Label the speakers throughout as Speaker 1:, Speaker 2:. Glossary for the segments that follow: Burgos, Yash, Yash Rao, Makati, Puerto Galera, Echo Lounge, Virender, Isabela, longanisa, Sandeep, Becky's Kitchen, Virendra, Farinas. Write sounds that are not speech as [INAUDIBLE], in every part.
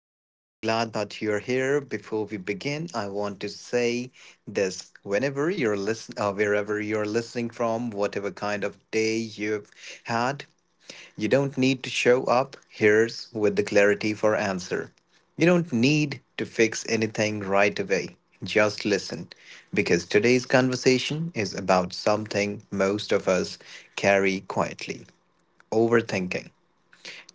Speaker 1: I'm really glad that you're here. Before we begin, I want to say this: whenever you're wherever you're listening from, whatever kind of day you've had, you don't need to show up here with the clarity for answer. You don't need to fix anything right away. Just listen, because today's conversation is about something most of us carry quietly overthinking.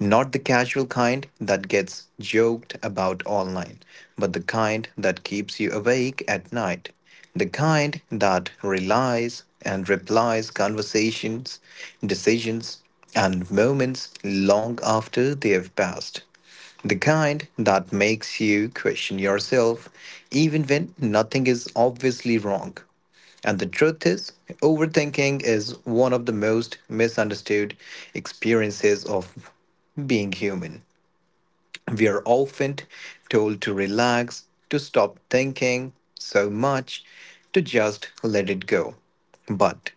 Speaker 1: Not the casual kind that gets joked about online, but the kind that keeps you awake at night. The kind that relies and replies conversations, decisions, and moments long after they have passed. The kind that makes you question yourself even when nothing is obviously wrong. And the truth is, overthinking is one of the most misunderstood experiences of being human. We are often told to relax, to stop thinking so much, to just let it go. But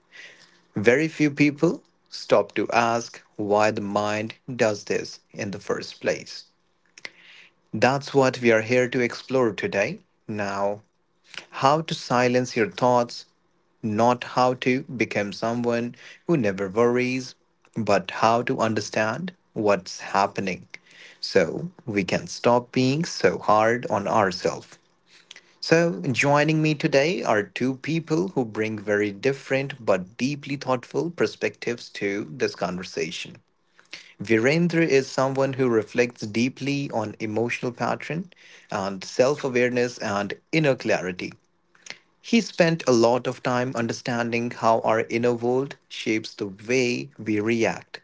Speaker 1: very few people stop to ask why the mind does this in the first place. That's what we are here to explore today. Now, how to silence your thoughts, not how to become someone who never worries, but how to understand what's happening so we can stop being so hard on ourselves. So, joining me today are two people who bring very different but deeply thoughtful perspectives to this conversation. Virendra is someone who reflects deeply on emotional pattern and self-awareness and inner clarity. He spent a lot of time understanding how our inner world shapes the way we react,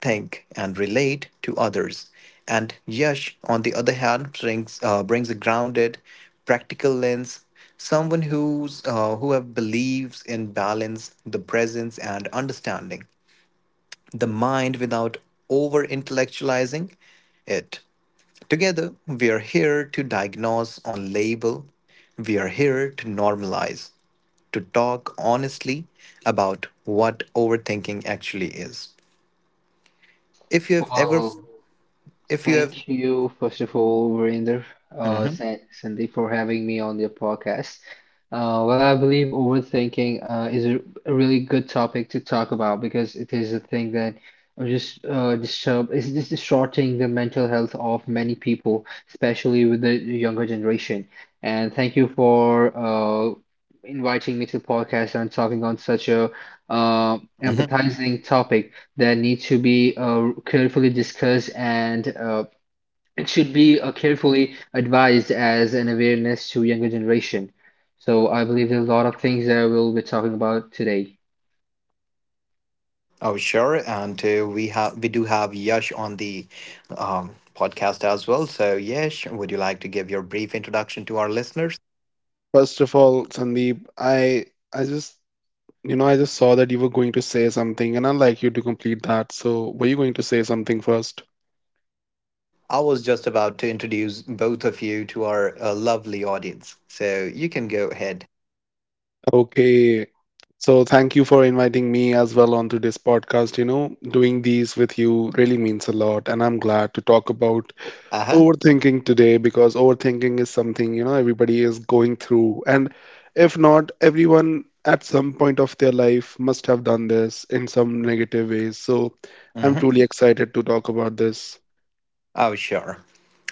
Speaker 1: think, and relate to others. And Yash, on the other hand, brings a grounded, practical lens, someone who have believes in balance, the presence, and understanding the mind without over intellectualizing it. Together, we are here to diagnose on label, we are here to normalize to talk honestly about what overthinking actually is. If you have ever,
Speaker 2: Well,
Speaker 1: if you have,
Speaker 2: thank you, first of all, Virender, Sandeep, for having me on your podcast. Well, I believe overthinking is a really good topic to talk about because it is a thing that just disturb is just distorting the mental health of many people, especially with the younger generation. And thank you for inviting me to the podcast and talking on such a uh,
Speaker 1: Mhm.
Speaker 2: empathizing topic that need to be carefully discussed and it should be carefully advised as an awareness to younger generation. So I believe there's a lot of things that we'll be talking about today.
Speaker 1: Oh sure, and we do have Yash on the podcast as well. So Yash, would you like to give your brief introduction to our listeners?
Speaker 3: First of all, Sandeep, I just I just saw that you were going to say something, and I'd like you to complete that. So, were you going to say something first?
Speaker 1: I was just about to introduce both of you to our lovely audience, so you can go ahead.
Speaker 3: Okay. So, thank you for inviting me as well onto this podcast. You know, doing these with you really means a lot, and I'm glad to talk about
Speaker 1: Uh huh.
Speaker 3: overthinking today because overthinking is something everybody is going through, and if not everyone at some point of their life must have done this in some negative ways. So I'm
Speaker 1: Hmm.
Speaker 3: truly excited to talk about this.
Speaker 1: Oh sure.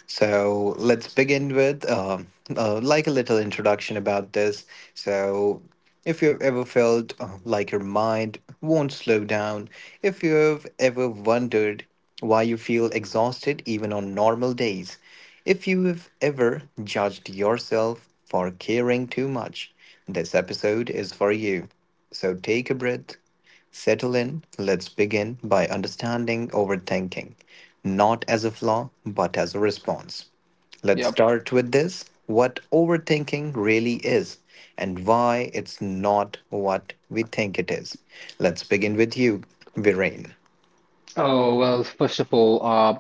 Speaker 1: So let's begin with like a little introduction about this. So if you've ever felt like your mind won't slow down, if you've ever wondered why you feel exhausted even on normal days, if you've ever judged yourself for caring too much, this episode is for you. So take a breath, settle in, let's begin by understanding overthinking, not as a flaw, but as a response. Let's
Speaker 2: Yep.
Speaker 1: start with this what overthinking really is and why it's not what we think it is. Let's begin with you, Virain.
Speaker 2: Oh, well, first of all,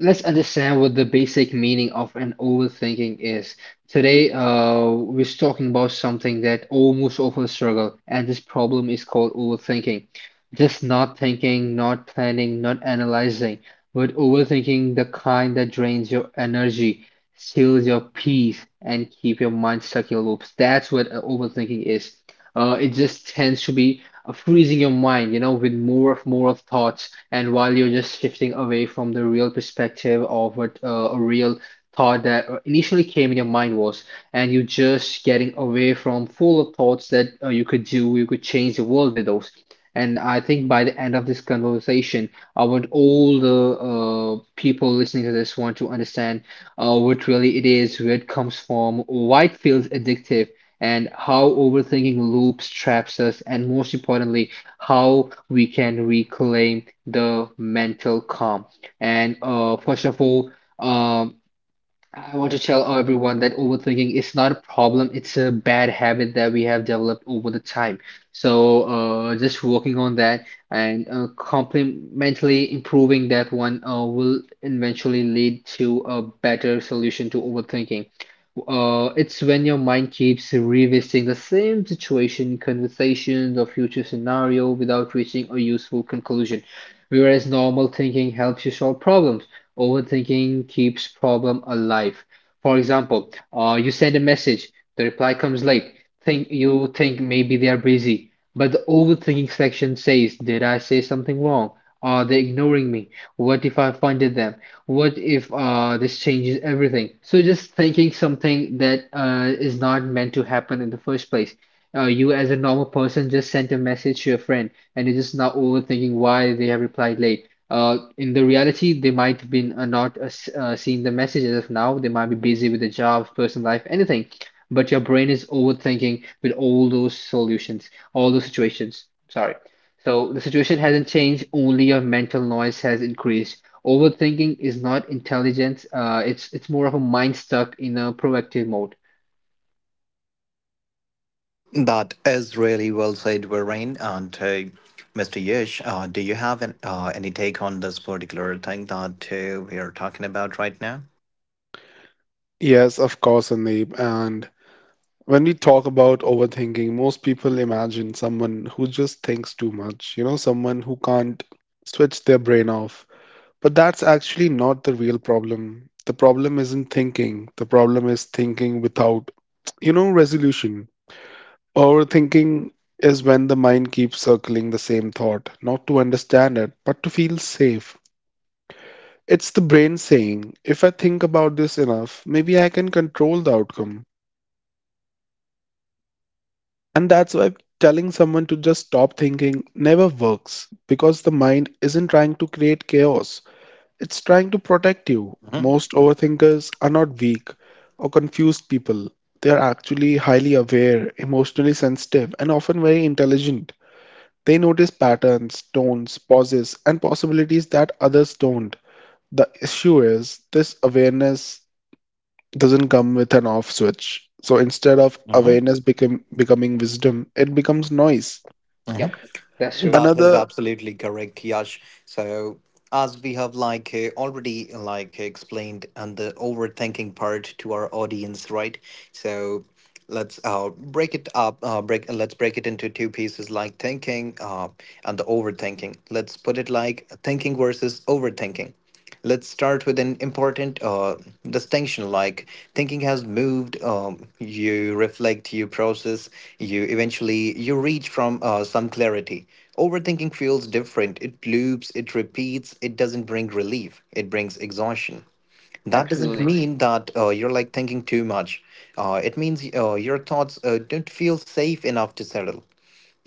Speaker 2: let's understand what the basic meaning of an overthinking is. Today, we're talking about something that almost all of us struggle, and this problem is called overthinking. Just not thinking, not planning, not analyzing, but overthinking, the kind that drains your energy, steals your peace, and keep your mind stuck in loops, that's what overthinking is. It just tends to be freezing your mind, you know, with more of thoughts, and while you're just shifting away from the real perspective of what a real thought that initially came in your mind was, and you're just getting away from full of thoughts that you could do, you could change the world with those. And I think by the end of this conversation, I want all the people listening to this want to understand what really it is, where it comes from, why it feels addictive, and how overthinking loops traps us, and most importantly, how we can reclaim the mental calm. And first of all, um I want to tell everyone that overthinking is not a problem. It's a bad habit that we have developed over the time. So, just working on that and complementally improving that one will eventually lead to a better solution to overthinking. It's when your mind keeps revisiting the same situation, conversations, or future scenario without reaching a useful conclusion. Whereas normal thinking helps you solve problems, overthinking keeps problem alive. For example, you send a message, the reply comes late. Think you think maybe they are busy, but the overthinking section says, "Did I say something wrong? Are they ignoring me? What if I offended them? What if this changes everything?" So just thinking something that is not meant to happen in the first place. You as a normal person just sent a message to your friend, and you're just now overthinking why they have replied late. In the reality, they might have been not s- seeing the message as of now. They might be busy with their jobs, personal life, anything. But your brain is overthinking with all those solutions, all those situations. Sorry. So the situation hasn't changed, only your mental noise has increased. Overthinking is not intelligence. It's more of a mind stuck in a proactive mode.
Speaker 1: That is really well said, Virain. And Mr. Yesh, do you have any take on this particular thing that we are talking about right now?
Speaker 3: Yes, of course, Sandeep. And when we talk about overthinking, most people imagine someone who just thinks too much, you know, someone who can't switch their brain off. But that's actually not the real problem. The problem isn't thinking. The problem is thinking without, you know, resolution. Overthinking is when the mind keeps circling the same thought, not to understand it, but to feel safe. It's the brain saying, if I think about this enough, maybe I can control the outcome. And that's why telling someone to just stop thinking never works, because the mind isn't trying to create chaos. It's trying to protect you.
Speaker 1: Mm-hmm.
Speaker 3: Most overthinkers are not weak or confused people. They are actually highly aware, emotionally sensitive, and often very intelligent. They notice patterns, tones, pauses, and possibilities that others don't. The issue is this awareness doesn't come with an off switch. So instead of
Speaker 1: Mm-hmm.
Speaker 3: becoming wisdom, it becomes noise.
Speaker 2: Yep, that's true.
Speaker 1: That is
Speaker 3: Another
Speaker 1: absolutely correct, Yash. So, as we have like already like explained and the overthinking part to our audience, right? So, let's break it up. Break. Let's break it into two pieces, like thinking and the overthinking. Let's put it like thinking versus overthinking. Let's start with an important distinction like thinking has moved, you reflect, you process, you eventually you reach from some clarity. Overthinking feels different. It loops, it repeats, it doesn't bring relief. It brings exhaustion. That doesn't
Speaker 2: Absolutely.
Speaker 1: mean that you're like thinking too much. It means your thoughts don't feel safe enough to settle.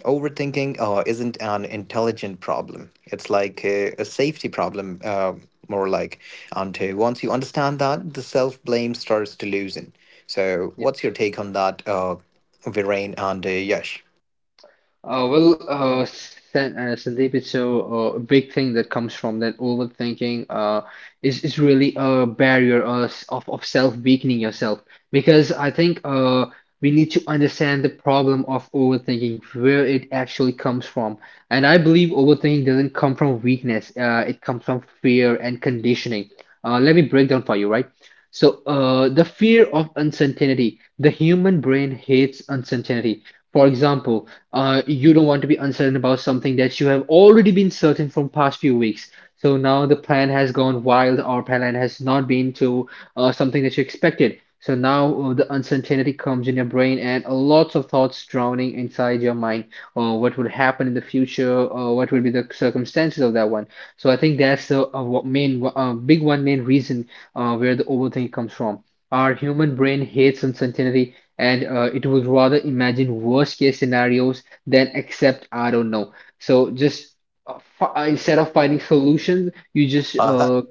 Speaker 1: Overthinking isn't an intelligent problem. It's like a safety problem, more like. And once you understand that, the self blame starts to loosen. So,
Speaker 2: Yeah.
Speaker 1: what's your take on that, Viren and Yash?
Speaker 2: Sandeep, it's a big thing that comes from that overthinking is really a barrier of self-weakening yourself. Because I think we need to understand the problem of overthinking, where it actually comes from. And I believe overthinking doesn't come from weakness, it comes from fear and conditioning. Let me break down for you, right? So, the fear of uncertainty. The human brain hates uncertainty. For example, you don't want to be uncertain about something that you have already been certain from past few weeks. So now the plan has gone wild or plan has not been to something that you expected. So now the uncertainty comes in your brain and lots of thoughts drowning inside your mind. What would happen in the future? What would be the circumstances of that one? So I think that's the what main, big one main reason where the overthinking comes from. Our human brain hates uncertainty and it would rather imagine worst case scenarios than accept I don't know. So just instead of finding solutions, you just
Speaker 1: Uh-huh.
Speaker 2: uh,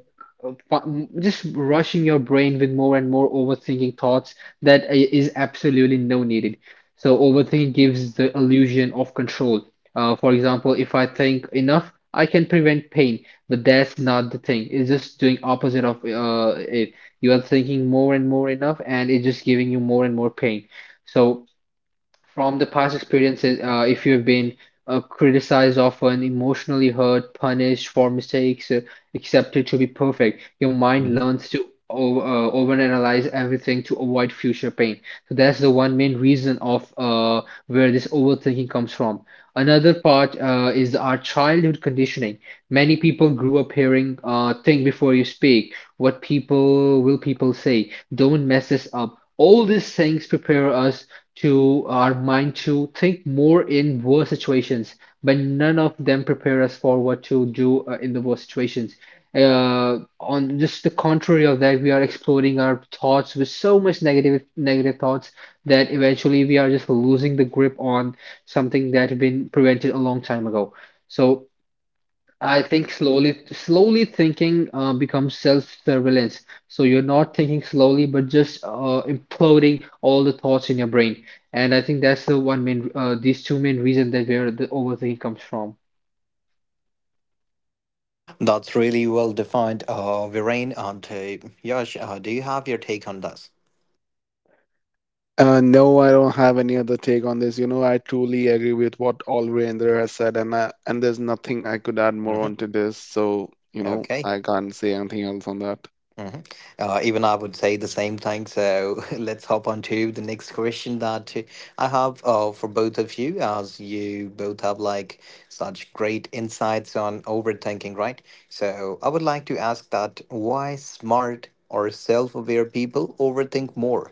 Speaker 2: uh, fu- just rushing your brain with more and more overthinking thoughts that is absolutely no needed. So overthinking gives the illusion of control. For example, if I think enough, I can prevent pain, but that's not the thing. It's just doing opposite of it. You are thinking more and more enough, and it's just giving you more and more pain. So from the past experiences, if you've been criticized often, emotionally hurt, punished for mistakes, accepted to be perfect, your mind
Speaker 1: Mhm.
Speaker 2: learns to overanalyze everything to avoid future pain. So that's the one main reason of where this overthinking comes from. Another part is our childhood conditioning. Many people grew up hearing, think before you speak. What people will people say? Don't mess this up. All these things prepare us to our mind to think more in worse situations, but none of them prepare us for what to do in the worst situations. On just the contrary of that, we are exploding our thoughts with so much negative thoughts that eventually we are just losing the grip on something that had been prevented a long time ago. So I think slowly, slowly thinking becomes self-surveillance. So you're not thinking slowly, but just imploding all the thoughts in your brain. And I think that's the these two main reasons that where the overthinking comes from.
Speaker 1: That's really well defined, Viren and Yash. Do you have your take on this?
Speaker 3: No, I don't have any other take on this. You know, I truly agree with what Alvirendra has said, and there's nothing I could add more
Speaker 1: Hmm.
Speaker 3: onto this. So, you know,
Speaker 1: Okay.
Speaker 3: I can't say anything else on that.
Speaker 1: Hmm. Even I would say the same thing. So [LAUGHS] let's hop on to the next question that I have for both of you, as you both have like such great insights on overthinking, right? So I would like to ask that why smart or self-aware people overthink more?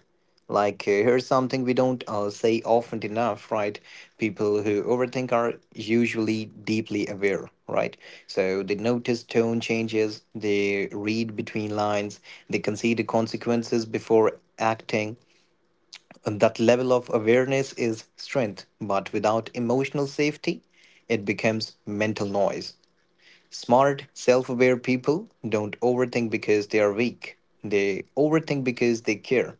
Speaker 1: Like, here's something we don't say often enough, right? People who overthink are usually deeply aware, right? So they notice tone changes, they read between lines, they consider consequences before acting. And that level of awareness is strength, but without emotional safety, it becomes mental noise. Smart, self aware people don't overthink because they are weak, they overthink because they care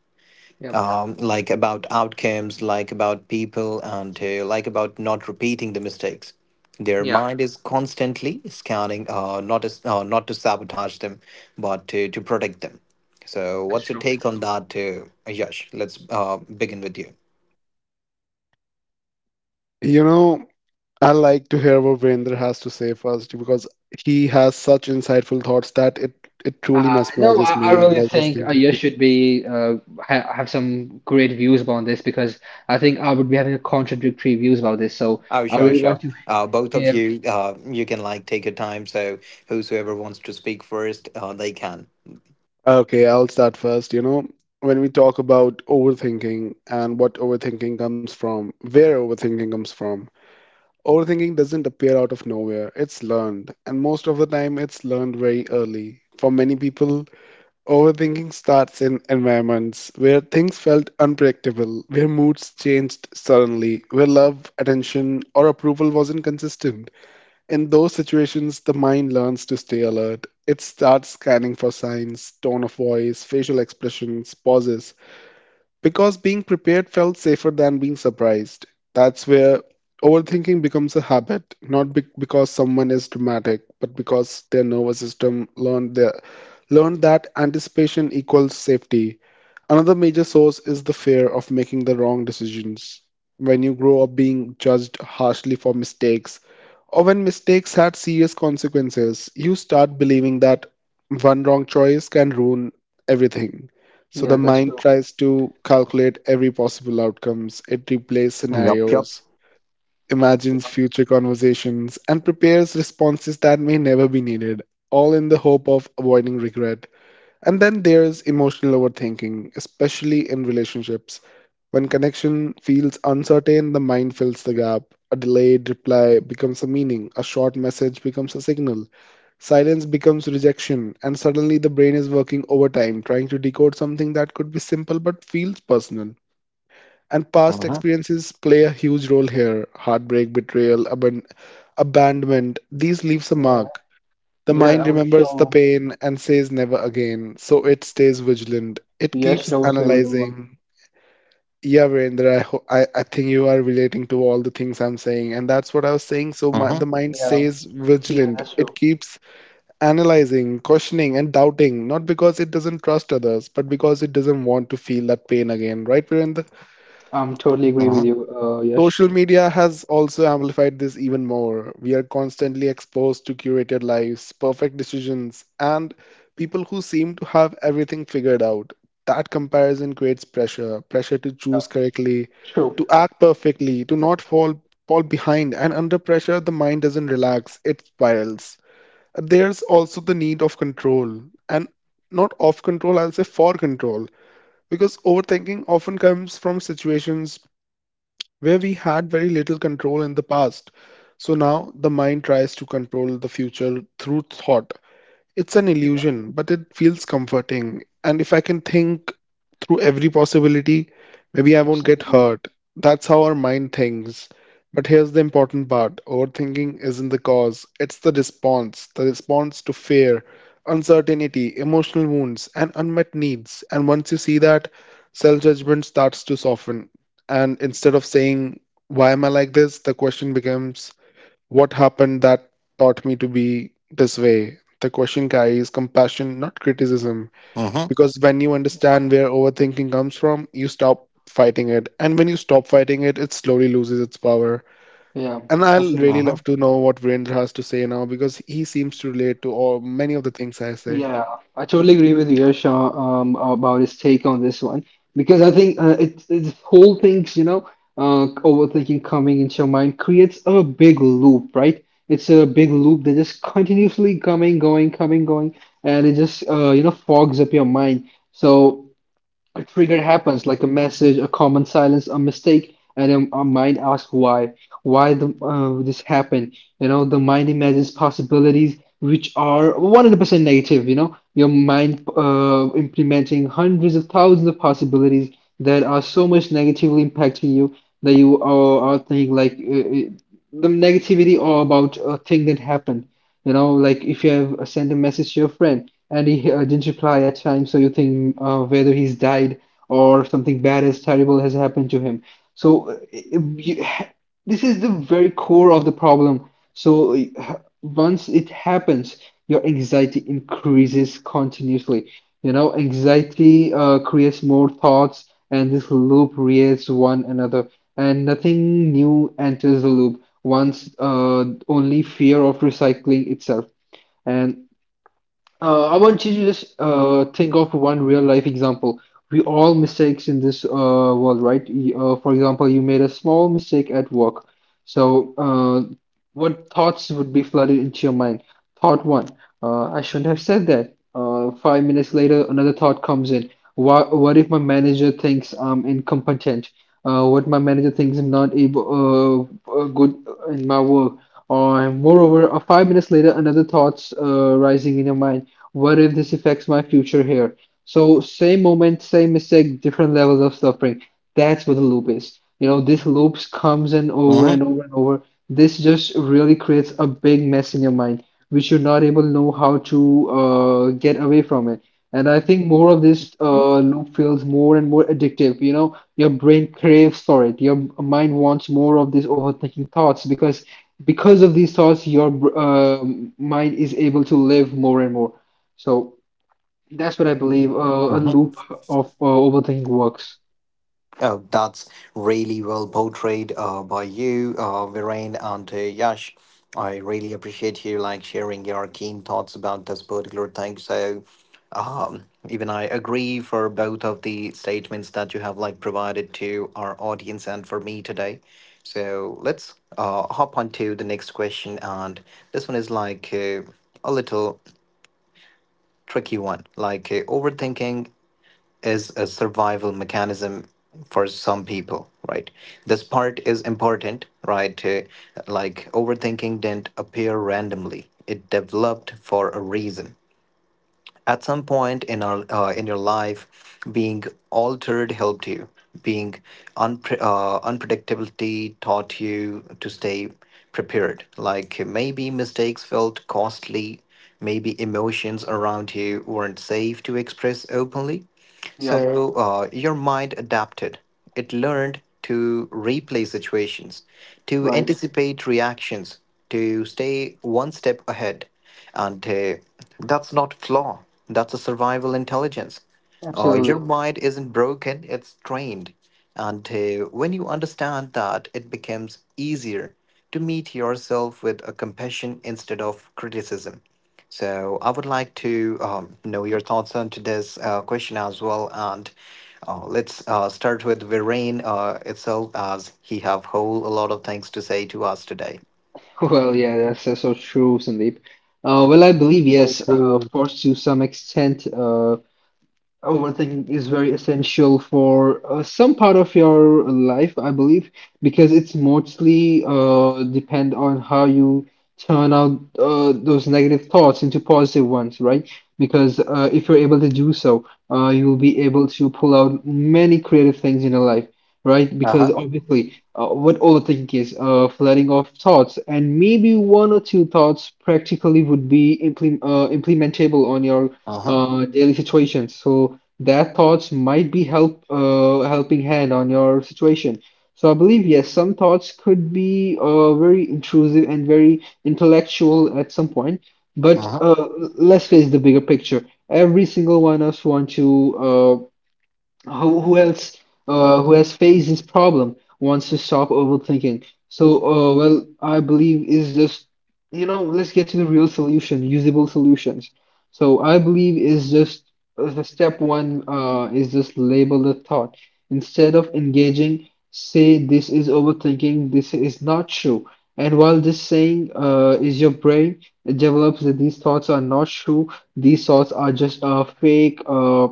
Speaker 2: Yep.
Speaker 1: like about outcomes, like about people, and like about not repeating the mistakes. Their
Speaker 2: Yeah,
Speaker 1: mind is constantly scanning, not to sabotage them, but to protect them. So,
Speaker 2: that's
Speaker 1: what's your
Speaker 2: true.
Speaker 1: take on that, Yash? Let's begin with you.
Speaker 3: You know, I like to hear what Virendra has to say first because he has such insightful thoughts that it truly
Speaker 2: Uh, no, I,
Speaker 3: mesmerizes
Speaker 2: I
Speaker 3: me
Speaker 2: really
Speaker 3: by
Speaker 2: think
Speaker 3: listening to.
Speaker 2: you should be ha have some great views about this because I think I would be having a contradictory views about this. So
Speaker 1: Oh,
Speaker 2: I
Speaker 1: sure,
Speaker 2: really want
Speaker 1: sure.
Speaker 2: to
Speaker 1: Both of
Speaker 2: hear.
Speaker 1: you, you can like take your time. So, whosoever wants to speak first, they can.
Speaker 3: Okay, I'll start first. You know, when we talk about overthinking and what overthinking comes from, where overthinking comes from. Overthinking doesn't appear out of nowhere, it's learned, and most of the time it's learned very early. For many people, overthinking starts in environments where things felt unpredictable, where moods changed suddenly, where love, attention, or approval wasn't consistent. In those situations, the mind learns to stay alert. It starts scanning for signs, tone of voice, facial expressions, pauses, because being prepared felt safer than being surprised. That's where overthinking becomes a habit, not because someone is dramatic, but because their nervous system learned that anticipation equals safety. Another major source is the fear of making the wrong decisions. When you grow up being judged harshly for mistakes, or when mistakes had serious consequences, you start believing that one wrong choice can ruin everything. So the
Speaker 2: Yeah, that's
Speaker 3: mind
Speaker 2: true.
Speaker 3: tries to calculate every possible outcomes. It replays
Speaker 1: Yup, yup.
Speaker 3: scenarios, imagines
Speaker 2: Yeah,
Speaker 3: future conversations, and prepares responses that may never be needed, all in the hope of avoiding regret. And then there's emotional overthinking, especially in relationships. When connection feels uncertain, the mind fills the gap. A delayed reply becomes a meaning, a short message becomes a signal, silence becomes rejection, and suddenly the brain is working overtime trying to decode something that could be simple but feels personal. And past
Speaker 1: Mm-hmm,
Speaker 3: experiences play a huge role here: heartbreak, betrayal, abandonment. These leaves a
Speaker 2: yeah,
Speaker 3: mark. The
Speaker 2: yeah,
Speaker 3: mind
Speaker 2: I'm
Speaker 3: remembers the
Speaker 2: sure.
Speaker 3: pain and says never again, so it stays vigilant. It
Speaker 2: Yash
Speaker 3: keeps
Speaker 2: Rao is the real one.
Speaker 3: analyzing. Yeah, Virendra, I think you are relating to all the things I'm saying, and that's what I was saying. So my,
Speaker 1: mm-hmm,
Speaker 3: the mind
Speaker 2: Yeah,
Speaker 3: stays
Speaker 2: yeah,
Speaker 3: vigilant.
Speaker 2: that's true.
Speaker 3: It keeps analyzing, questioning, and doubting, not because it doesn't trust others, but because it doesn't want to feel that pain again. Right, Virendra?
Speaker 2: Totally agree with
Speaker 1: mm-hmm,
Speaker 2: you, Yash.
Speaker 3: Social media has also amplified this even more. We are constantly exposed to curated lives, perfect decisions, and people who seem to have everything figured out. That comparison creates pressure, pressure to
Speaker 2: Yeah,
Speaker 3: choose correctly,
Speaker 2: true.
Speaker 3: to act perfectly, to not fall behind, and under pressure the mind doesn't relax, it spirals. There's also the need of control, and not of control, I'll say for control, because overthinking often comes from situations where we had very little control in the past. So now the mind tries to control the future through thought. It's an
Speaker 2: Yeah,
Speaker 3: illusion, but it feels comforting. And if I can think through every possibility, maybe I won't get
Speaker 2: absolutely.
Speaker 3: hurt. That's how our mind thinks. But here's the important part: overthinking isn't the cause, it's the response. The response to fear, uncertainty, emotional wounds, and unmet needs. And once you see that, self judgment starts to soften. And instead of saying, "Why am I like this?" the question becomes, what happened that taught me to be this way? The question carries compassion, not criticism.
Speaker 1: mm-hmm,
Speaker 3: Because when you understand where overthinking comes from, you stop fighting it. And when you stop fighting it, it slowly loses its power.
Speaker 2: Yeah,
Speaker 3: And I'll really
Speaker 2: absolutely.
Speaker 1: mm-hmm,
Speaker 3: love to know what Virendra has to say now, because he seems to relate to all, many of the things I say.
Speaker 2: Yeah, I totally agree with you, Yash, about his take on this one because I think this whole things, you know, overthinking coming into your mind creates a big loop, right? It's a big loop that just continuously coming, going, and it just you know fogs up your mind. So a trigger happens, like a message, a common silence, a mistake, and then our mind asks why this happened. You know, the mind imagines possibilities which are 100% negative. You know, your mind implementing hundreds of thousands of possibilities that are so much negatively impacting you that are thinking like the negativity or about a thing that happened. You know, like if you have sent a message to your friend and he didn't reply at time, so you think whether he's died or something bad as terrible has happened to him. So uh, you, this is the very core of the problem. So once it happens, your anxiety increases continuously. You know, anxiety creates more thoughts, and this loop creates one another, and nothing new enters the loop once only fear of recycling itself. And I want you to just think of one real life example. We all mistakes in this world, right? For example, you made a small mistake at work. So what thoughts would be flooded into your mind? Thought one, I shouldn't have said that. 5 minutes later, another thought comes in. What if my manager thinks I'm incompetent? What my manager thinks I'm not able, good in my work? Or moreover, 5 minutes later, another thoughts rising in your mind. What if this affects my future here? So same moment, same mistake, different levels of suffering. That's what the loop is. You know, this loops comes in over and over and over. This just really creates a big mess in your mind, which you're not able to know how to get away from it. And I think more of this loop feels more and more addictive. You know, your brain craves for it. Your mind wants more of these overthinking thoughts because of these thoughts, your mind is able to live more and more. So. That's what I believe. A
Speaker 1: Mm-hmm.
Speaker 2: loop of overthink works.
Speaker 1: Oh, that's really well portrayed by you, Viren and Yash. I really appreciate you like sharing your keen thoughts about this particular thing. So, um, even I agree for both of the statements that you have like provided to our audience and for me today. So let's hop on to the next question, and this one is like a little tricky one, like overthinking is a survival mechanism for some people, right? This part is important, right? Like overthinking didn't appear randomly. It developed for a reason. At some point in our in your life, being altered helped you. Being unpredictability taught you to stay prepared. Like maybe mistakes felt costly, maybe emotions around you weren't safe to express openly
Speaker 2: Yeah,
Speaker 1: so your mind adapted. It learned to replay situations, to
Speaker 2: right.
Speaker 1: anticipate reactions, to stay one step ahead. And that's not flaw. That's a survival intelligence. Your
Speaker 2: Absolutely. [LAUGHS]
Speaker 1: mind isn't broken, it's trained. And when you understand that, it becomes easier to meet yourself with a compassion instead of criticism. So I would like to know your thoughts on to this question as well. And let's start with Viren itself, as he have whole a lot of things to say to us today.
Speaker 2: Well, yeah, that's so true, Sandeep. Well, I believe
Speaker 3: So
Speaker 2: yes,
Speaker 3: true.
Speaker 2: of course, to some extent. Overthinking is very essential for some part of your life, I believe, because it's mostly depend on how you turn out those negative thoughts into positive ones, right? Because if you're able to do so, you'll be able to pull out many creative things in your life, right?
Speaker 1: Uh
Speaker 2: Because
Speaker 1: huh.
Speaker 2: obviously, what overthinking is, flooding of thoughts, and maybe one or two thoughts practically would be implementable on your
Speaker 1: Uh huh.
Speaker 2: daily situations. So their thoughts might be helping hand on your situation. So I believe yes, some thoughts could be very intrusive and very intellectual at some point.
Speaker 1: Uh
Speaker 2: But
Speaker 1: huh.
Speaker 2: let's face the bigger picture. Every single one of us want to Who else who has faced this problem wants to stop overthinking? So, well, I believe is just, you know, let's get to the real solution, usable solutions. So, I believe is just the step one is just label the thought. Instead of engaging, say this is overthinking, this is not true. And while this saying is your brain, it develops that these thoughts are not true, these thoughts are just fake.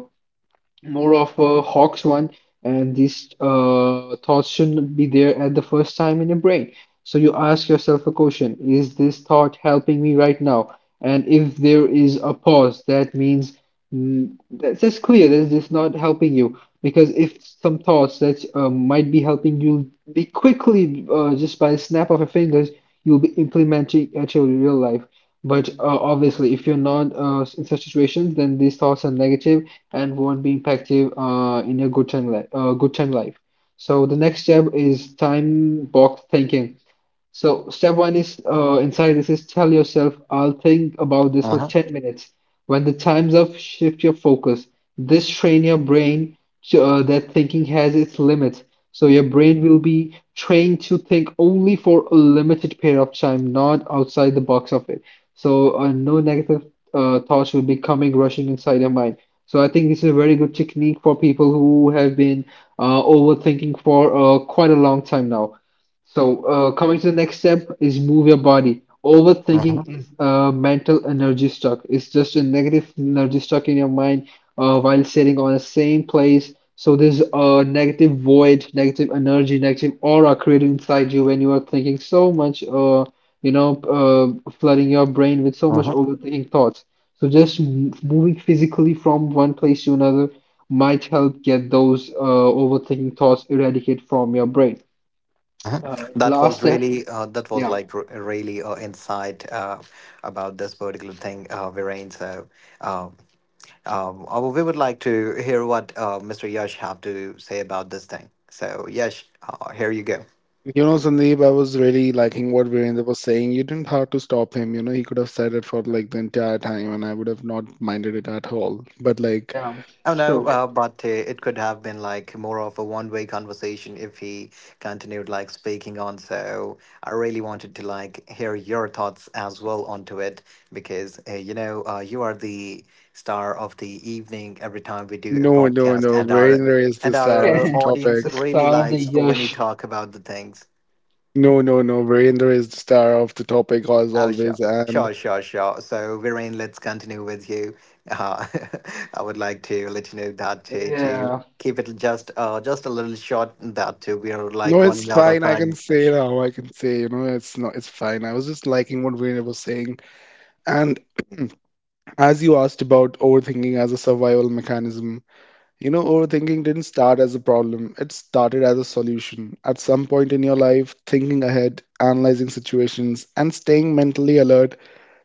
Speaker 2: More of a Hawks one, and these thoughts shouldn't be there at the first time in your brain. So you ask yourself a question, is this thought helping me right now? And if there is a pause, that means that's clear that it's not helping you. Because if some thoughts that might be helping you be quickly, just by the snap of your fingers, you'll be implementing at your real life. But obviously, if you're not in such situations, then these thoughts are negative and won't be impactful in your good time life. Good time life. So the next step is time box thinking. So step one is inside this is tell yourself, I'll think about this
Speaker 1: Uh
Speaker 2: for
Speaker 1: huh.
Speaker 2: 10 minutes. When the time's up, shift your focus. This train your brain to, that thinking has its limits. So your brain will be trained to think only for a limited period of time, not outside the box of it. So no negative thoughts will be coming rushing inside your mind. So I think this is a very good technique for people who have been overthinking for quite a long time now. So, coming to the next step is move your body.
Speaker 1: Uh huh.
Speaker 2: Overthinking is a mental energy stuck. It's just a negative energy stuck in your mind while sitting on the same place. So there's a negative void, negative energy, negative aura created inside you when you are thinking so much, you know, flooding your brain with so much
Speaker 1: Uh-huh.
Speaker 2: overthinking thoughts. So just moving physically from one place to another might help get those overthinking thoughts eradicated from your brain.
Speaker 1: Uh-huh. That
Speaker 2: Last
Speaker 1: was
Speaker 2: step.
Speaker 1: really, that was
Speaker 2: Yeah,
Speaker 1: like r- really insight about this particular thing, Viren. So, um, we would like to hear what Mr. Yash have to say about this thing. So, Yash, here you go.
Speaker 3: You know, Sandeep, I was really liking what Virendra was saying. You didn't have to stop him. You know, he could have said it for like the entire time and I would have not minded it at all. But like,
Speaker 2: yeah,
Speaker 1: Oh no,
Speaker 2: true.
Speaker 1: but it could have been like more of a one-way conversation if he continued like speaking on. So I really wanted to like hear your thoughts as well onto it because you are the star of the evening every time we do a
Speaker 3: no, no,
Speaker 1: podcast,
Speaker 3: no. Virender is
Speaker 1: and
Speaker 3: the
Speaker 1: our
Speaker 2: [LAUGHS]
Speaker 3: star of the
Speaker 1: audience
Speaker 2: The
Speaker 3: topic.
Speaker 1: really
Speaker 2: star, the
Speaker 1: likes when you
Speaker 2: Yash.
Speaker 1: talk about the things.
Speaker 3: No, no, no. Virender is the star of the topic as
Speaker 1: Oh, sure.
Speaker 3: always.
Speaker 1: Sure,
Speaker 3: And
Speaker 1: sure, sure. So, Viren, let's continue with you. Uh, [LAUGHS] I would like to let you know that to
Speaker 2: Yeah,
Speaker 1: keep it just a little short, that we are like
Speaker 3: no, it's
Speaker 1: running out of
Speaker 3: fine. I
Speaker 1: time.
Speaker 3: can say now. I can say, you know, it's not, it's fine. I was just liking what Virender was saying. And [CLEARS THROAT] as you asked about overthinking as a survival mechanism, you know, overthinking didn't start as a problem. It started as a solution. At some point in your life, thinking ahead, analyzing situations, and staying mentally alert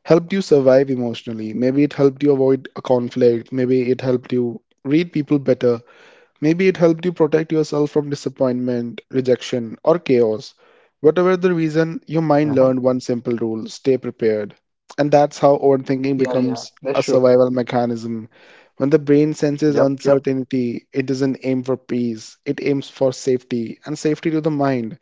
Speaker 3: helped you survive emotionally. Maybe it helped you avoid a conflict. Maybe it helped you read people better. Maybe it helped you protect yourself from disappointment, rejection, or chaos. Whatever the reason, your mind
Speaker 1: Mhm.
Speaker 3: learned one simple rule: stay prepared. And that's how overthinking
Speaker 2: yeah, yeah,
Speaker 3: becomes
Speaker 2: that's
Speaker 3: a
Speaker 2: true.
Speaker 3: survival mechanism. When the brain senses
Speaker 1: Yep, yep.
Speaker 3: uncertainty, it doesn't aim for peace, it aims for safety, and safety to the mind.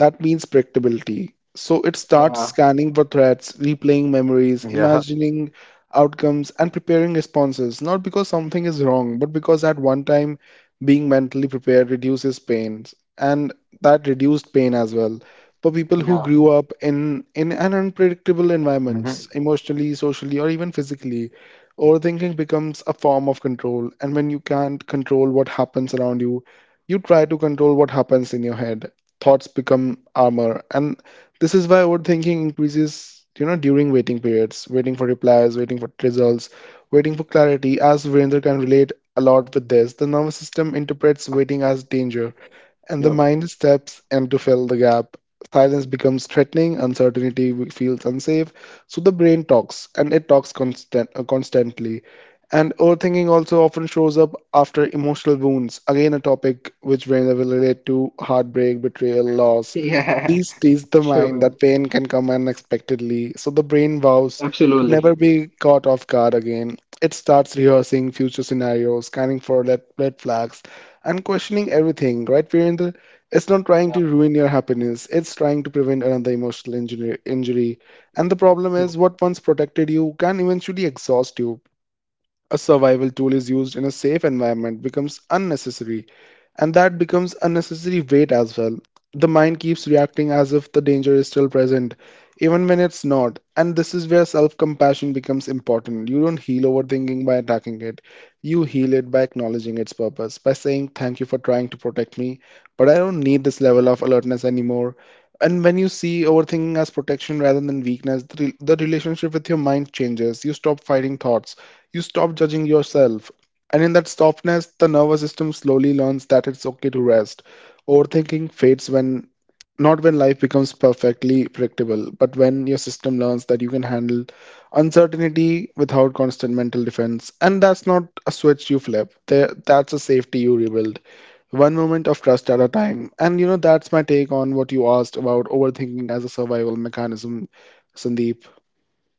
Speaker 3: That means predictability. So it starts
Speaker 2: Yeah,
Speaker 3: scanning for threats, replaying memories,
Speaker 1: Yeah.
Speaker 3: imagining outcomes, and preparing responses, not because something is wrong, but because at one time being mentally prepared reduces pain, and that reduced pain as well. For people who
Speaker 2: yeah,
Speaker 3: grew up in an unpredictable environments,
Speaker 1: Hmm.
Speaker 3: emotionally, socially, or even physically, overthinking becomes a form of control. And when you can't control what happens around you, you try to control what happens in your head. Thoughts become
Speaker 1: That was
Speaker 3: armor,
Speaker 1: really
Speaker 3: and
Speaker 1: well said,
Speaker 3: this is why
Speaker 1: Yash.
Speaker 3: overthinking increases, you know, during waiting
Speaker 1: Hmm.
Speaker 3: periods: waiting for
Speaker 1: Hmm.
Speaker 3: replies, waiting for results, waiting for clarity. As Virender can relate a lot with this, the nervous system interprets
Speaker 2: yeah,
Speaker 3: waiting as danger, and the
Speaker 2: yep.
Speaker 1: Hmm.
Speaker 3: mind steps in to fill the gap. Silence becomes threatening, feels unsafe, so the brain talks, and it talks constantly. And overthinking also often shows up after emotional wounds, again, a topic which brains will relate to: heartbreak, betrayal,
Speaker 2: [LAUGHS]
Speaker 3: loss.
Speaker 2: Yeah,
Speaker 3: These tease the mind
Speaker 2: sure.
Speaker 3: that pain can come unexpectedly, so the brain vows to never
Speaker 2: Absolutely.
Speaker 3: be caught off guard again. It starts rehearsing future scenarios, scanning for red flags, and
Speaker 1: Uh-huh.
Speaker 3: questioning everything, right, Virendra? It's not trying
Speaker 2: Yeah,
Speaker 3: to ruin your happiness, it's trying to
Speaker 1: Hmm.
Speaker 3: prevent another emotional injury. And the problem is,
Speaker 2: true.
Speaker 3: what once protected you can eventually exhaust you. A survival tool is used in a safe environment becomes unnecessary, and that becomes unnecessary weight as well. The mind keeps reacting as if the danger is still present, even when it's not. And this is where self compassion becomes
Speaker 1: Hmm.
Speaker 3: important. You don't heal overthinking by attacking it, you heal it by acknowledging its purpose, by saying,
Speaker 1: Hmm.
Speaker 3: "Thank you for trying to protect me, but I don't need this level of alertness anymore." And when you see overthinking as protection rather than weakness, the relationship with your mind changes. You stop fighting thoughts, you stop judging yourself. And in that softness, the nervous system slowly learns that it's okay to rest. Overthinking fades when, not when life becomes perfectly predictable, but when your system learns that you can handle uncertainty without constant mental defense. And that's not a switch you flip, there, that's a
Speaker 1: Hmm.
Speaker 3: safety you rebuild.
Speaker 1: Oh,
Speaker 3: One moment of
Speaker 1: yeah.
Speaker 3: trust at a time. And you know, that's my take on what you asked about overthinking as a survival mechanism, Sandeep.
Speaker 1: Oh,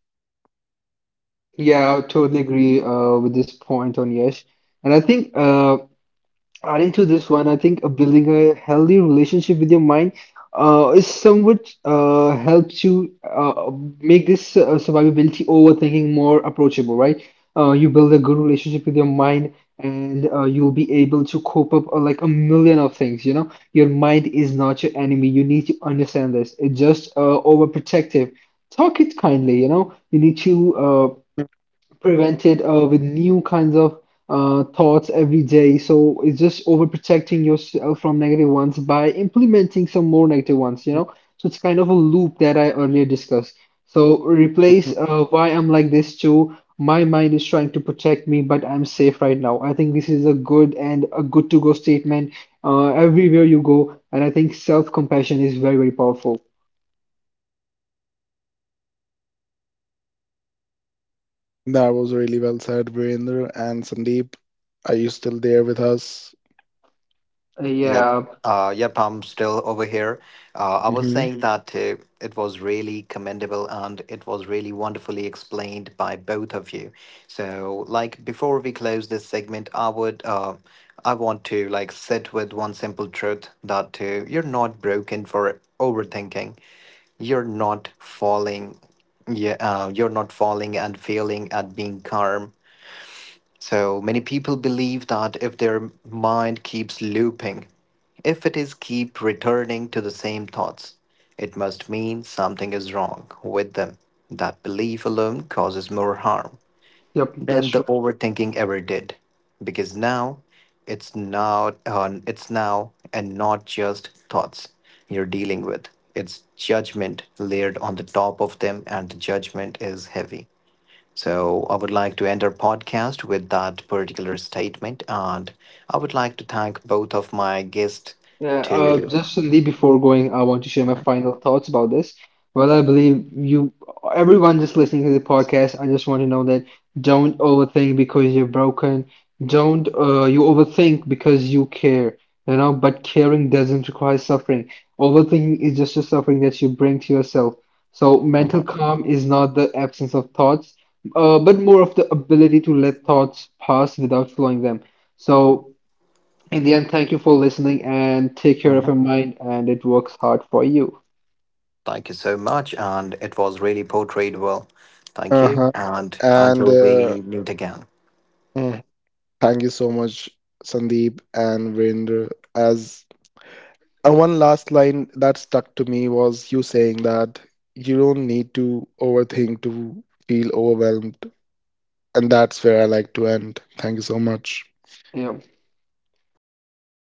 Speaker 1: that's absolutely great,
Speaker 2: Yeah, I
Speaker 1: Yash.
Speaker 2: totally
Speaker 1: And
Speaker 2: agree with this point on Yash. And I think adding to this one, I think building a healthy relationship with your mind is somewhat helps you make this survivability overthinking more approachable, right? You build a good relationship with your mind, and you'll be able to cope up like a million of things. You know, your
Speaker 1: mhm,
Speaker 2: mind is not your enemy. You need to understand this. It's just overprotective. Talk it kindly. You know, you need to prevented with new kinds of thoughts every day. So it's just overprotecting yourself from negative ones by implementing some more negative ones, you know? So it's kind of a loop that I earlier discussed. So replace why I'm like this to my mind is trying to protect me, but I'm safe right now. I think this is a good and a good to go statement
Speaker 1: mhm.
Speaker 2: everywhere you go. And I think self compassion is very, very powerful.
Speaker 1: That is absolutely correct, Viren and Yash. So you both have like
Speaker 3: That was really
Speaker 1: wonderfully
Speaker 3: well said,
Speaker 1: explained
Speaker 3: Virender and Sandeep. Are you still there with us?
Speaker 1: Yep.
Speaker 2: Yeah,
Speaker 1: Yep, I'm still over here. I was
Speaker 3: Hmm.
Speaker 1: saying that it was really commendable and it was really wonderfully explained by both of you. So, like before we close this segment, I want to like sit with one simple truth that you're not broken for overthinking. You're not falling. Yeah, you're not falling and failing at being calm so many people believe that if their mind keeps looping, if it is keep returning to the same thoughts, it must mean something is wrong with them. That belief alone causes more harm
Speaker 2: yep, that's
Speaker 1: than the
Speaker 2: true.
Speaker 1: overthinking ever did, because now it's now it's now and not just thoughts you're dealing with. It's judgment layered on the top of them, and the judgment is heavy. So I would like to end our podcast with that particular statement, and I would like to thank both of my guests.
Speaker 2: Yeah,
Speaker 1: To
Speaker 2: just Lee, before going, I want to share my
Speaker 1: Mhm,
Speaker 2: final thoughts about this. Well, I believe you, everyone just listening to the podcast, I just want to know that don't overthink because you're broken. Don't you overthink because you care, you know, but caring doesn't require suffering. Overthinking is just a suffering that you bring to yourself. So mental
Speaker 1: mhm,
Speaker 2: calm is not the absence of thoughts, but more of the ability to let thoughts pass without slowing them. So in the end, thank you for listening and take care of
Speaker 1: mhm.
Speaker 2: your mind and it works hard for you.
Speaker 1: Thank you so much, and it was really portrayed well. Thank you,
Speaker 3: Uh-huh.
Speaker 1: and
Speaker 3: And
Speaker 1: until
Speaker 3: uh,
Speaker 1: we meet again.
Speaker 3: mm, thank you so much, Sandeep and Virender. As and one last line that stuck to me was you saying that you don't need to overthink to feel overwhelmed, and that's where I like to end. Thank you so much.
Speaker 2: Yeah. Words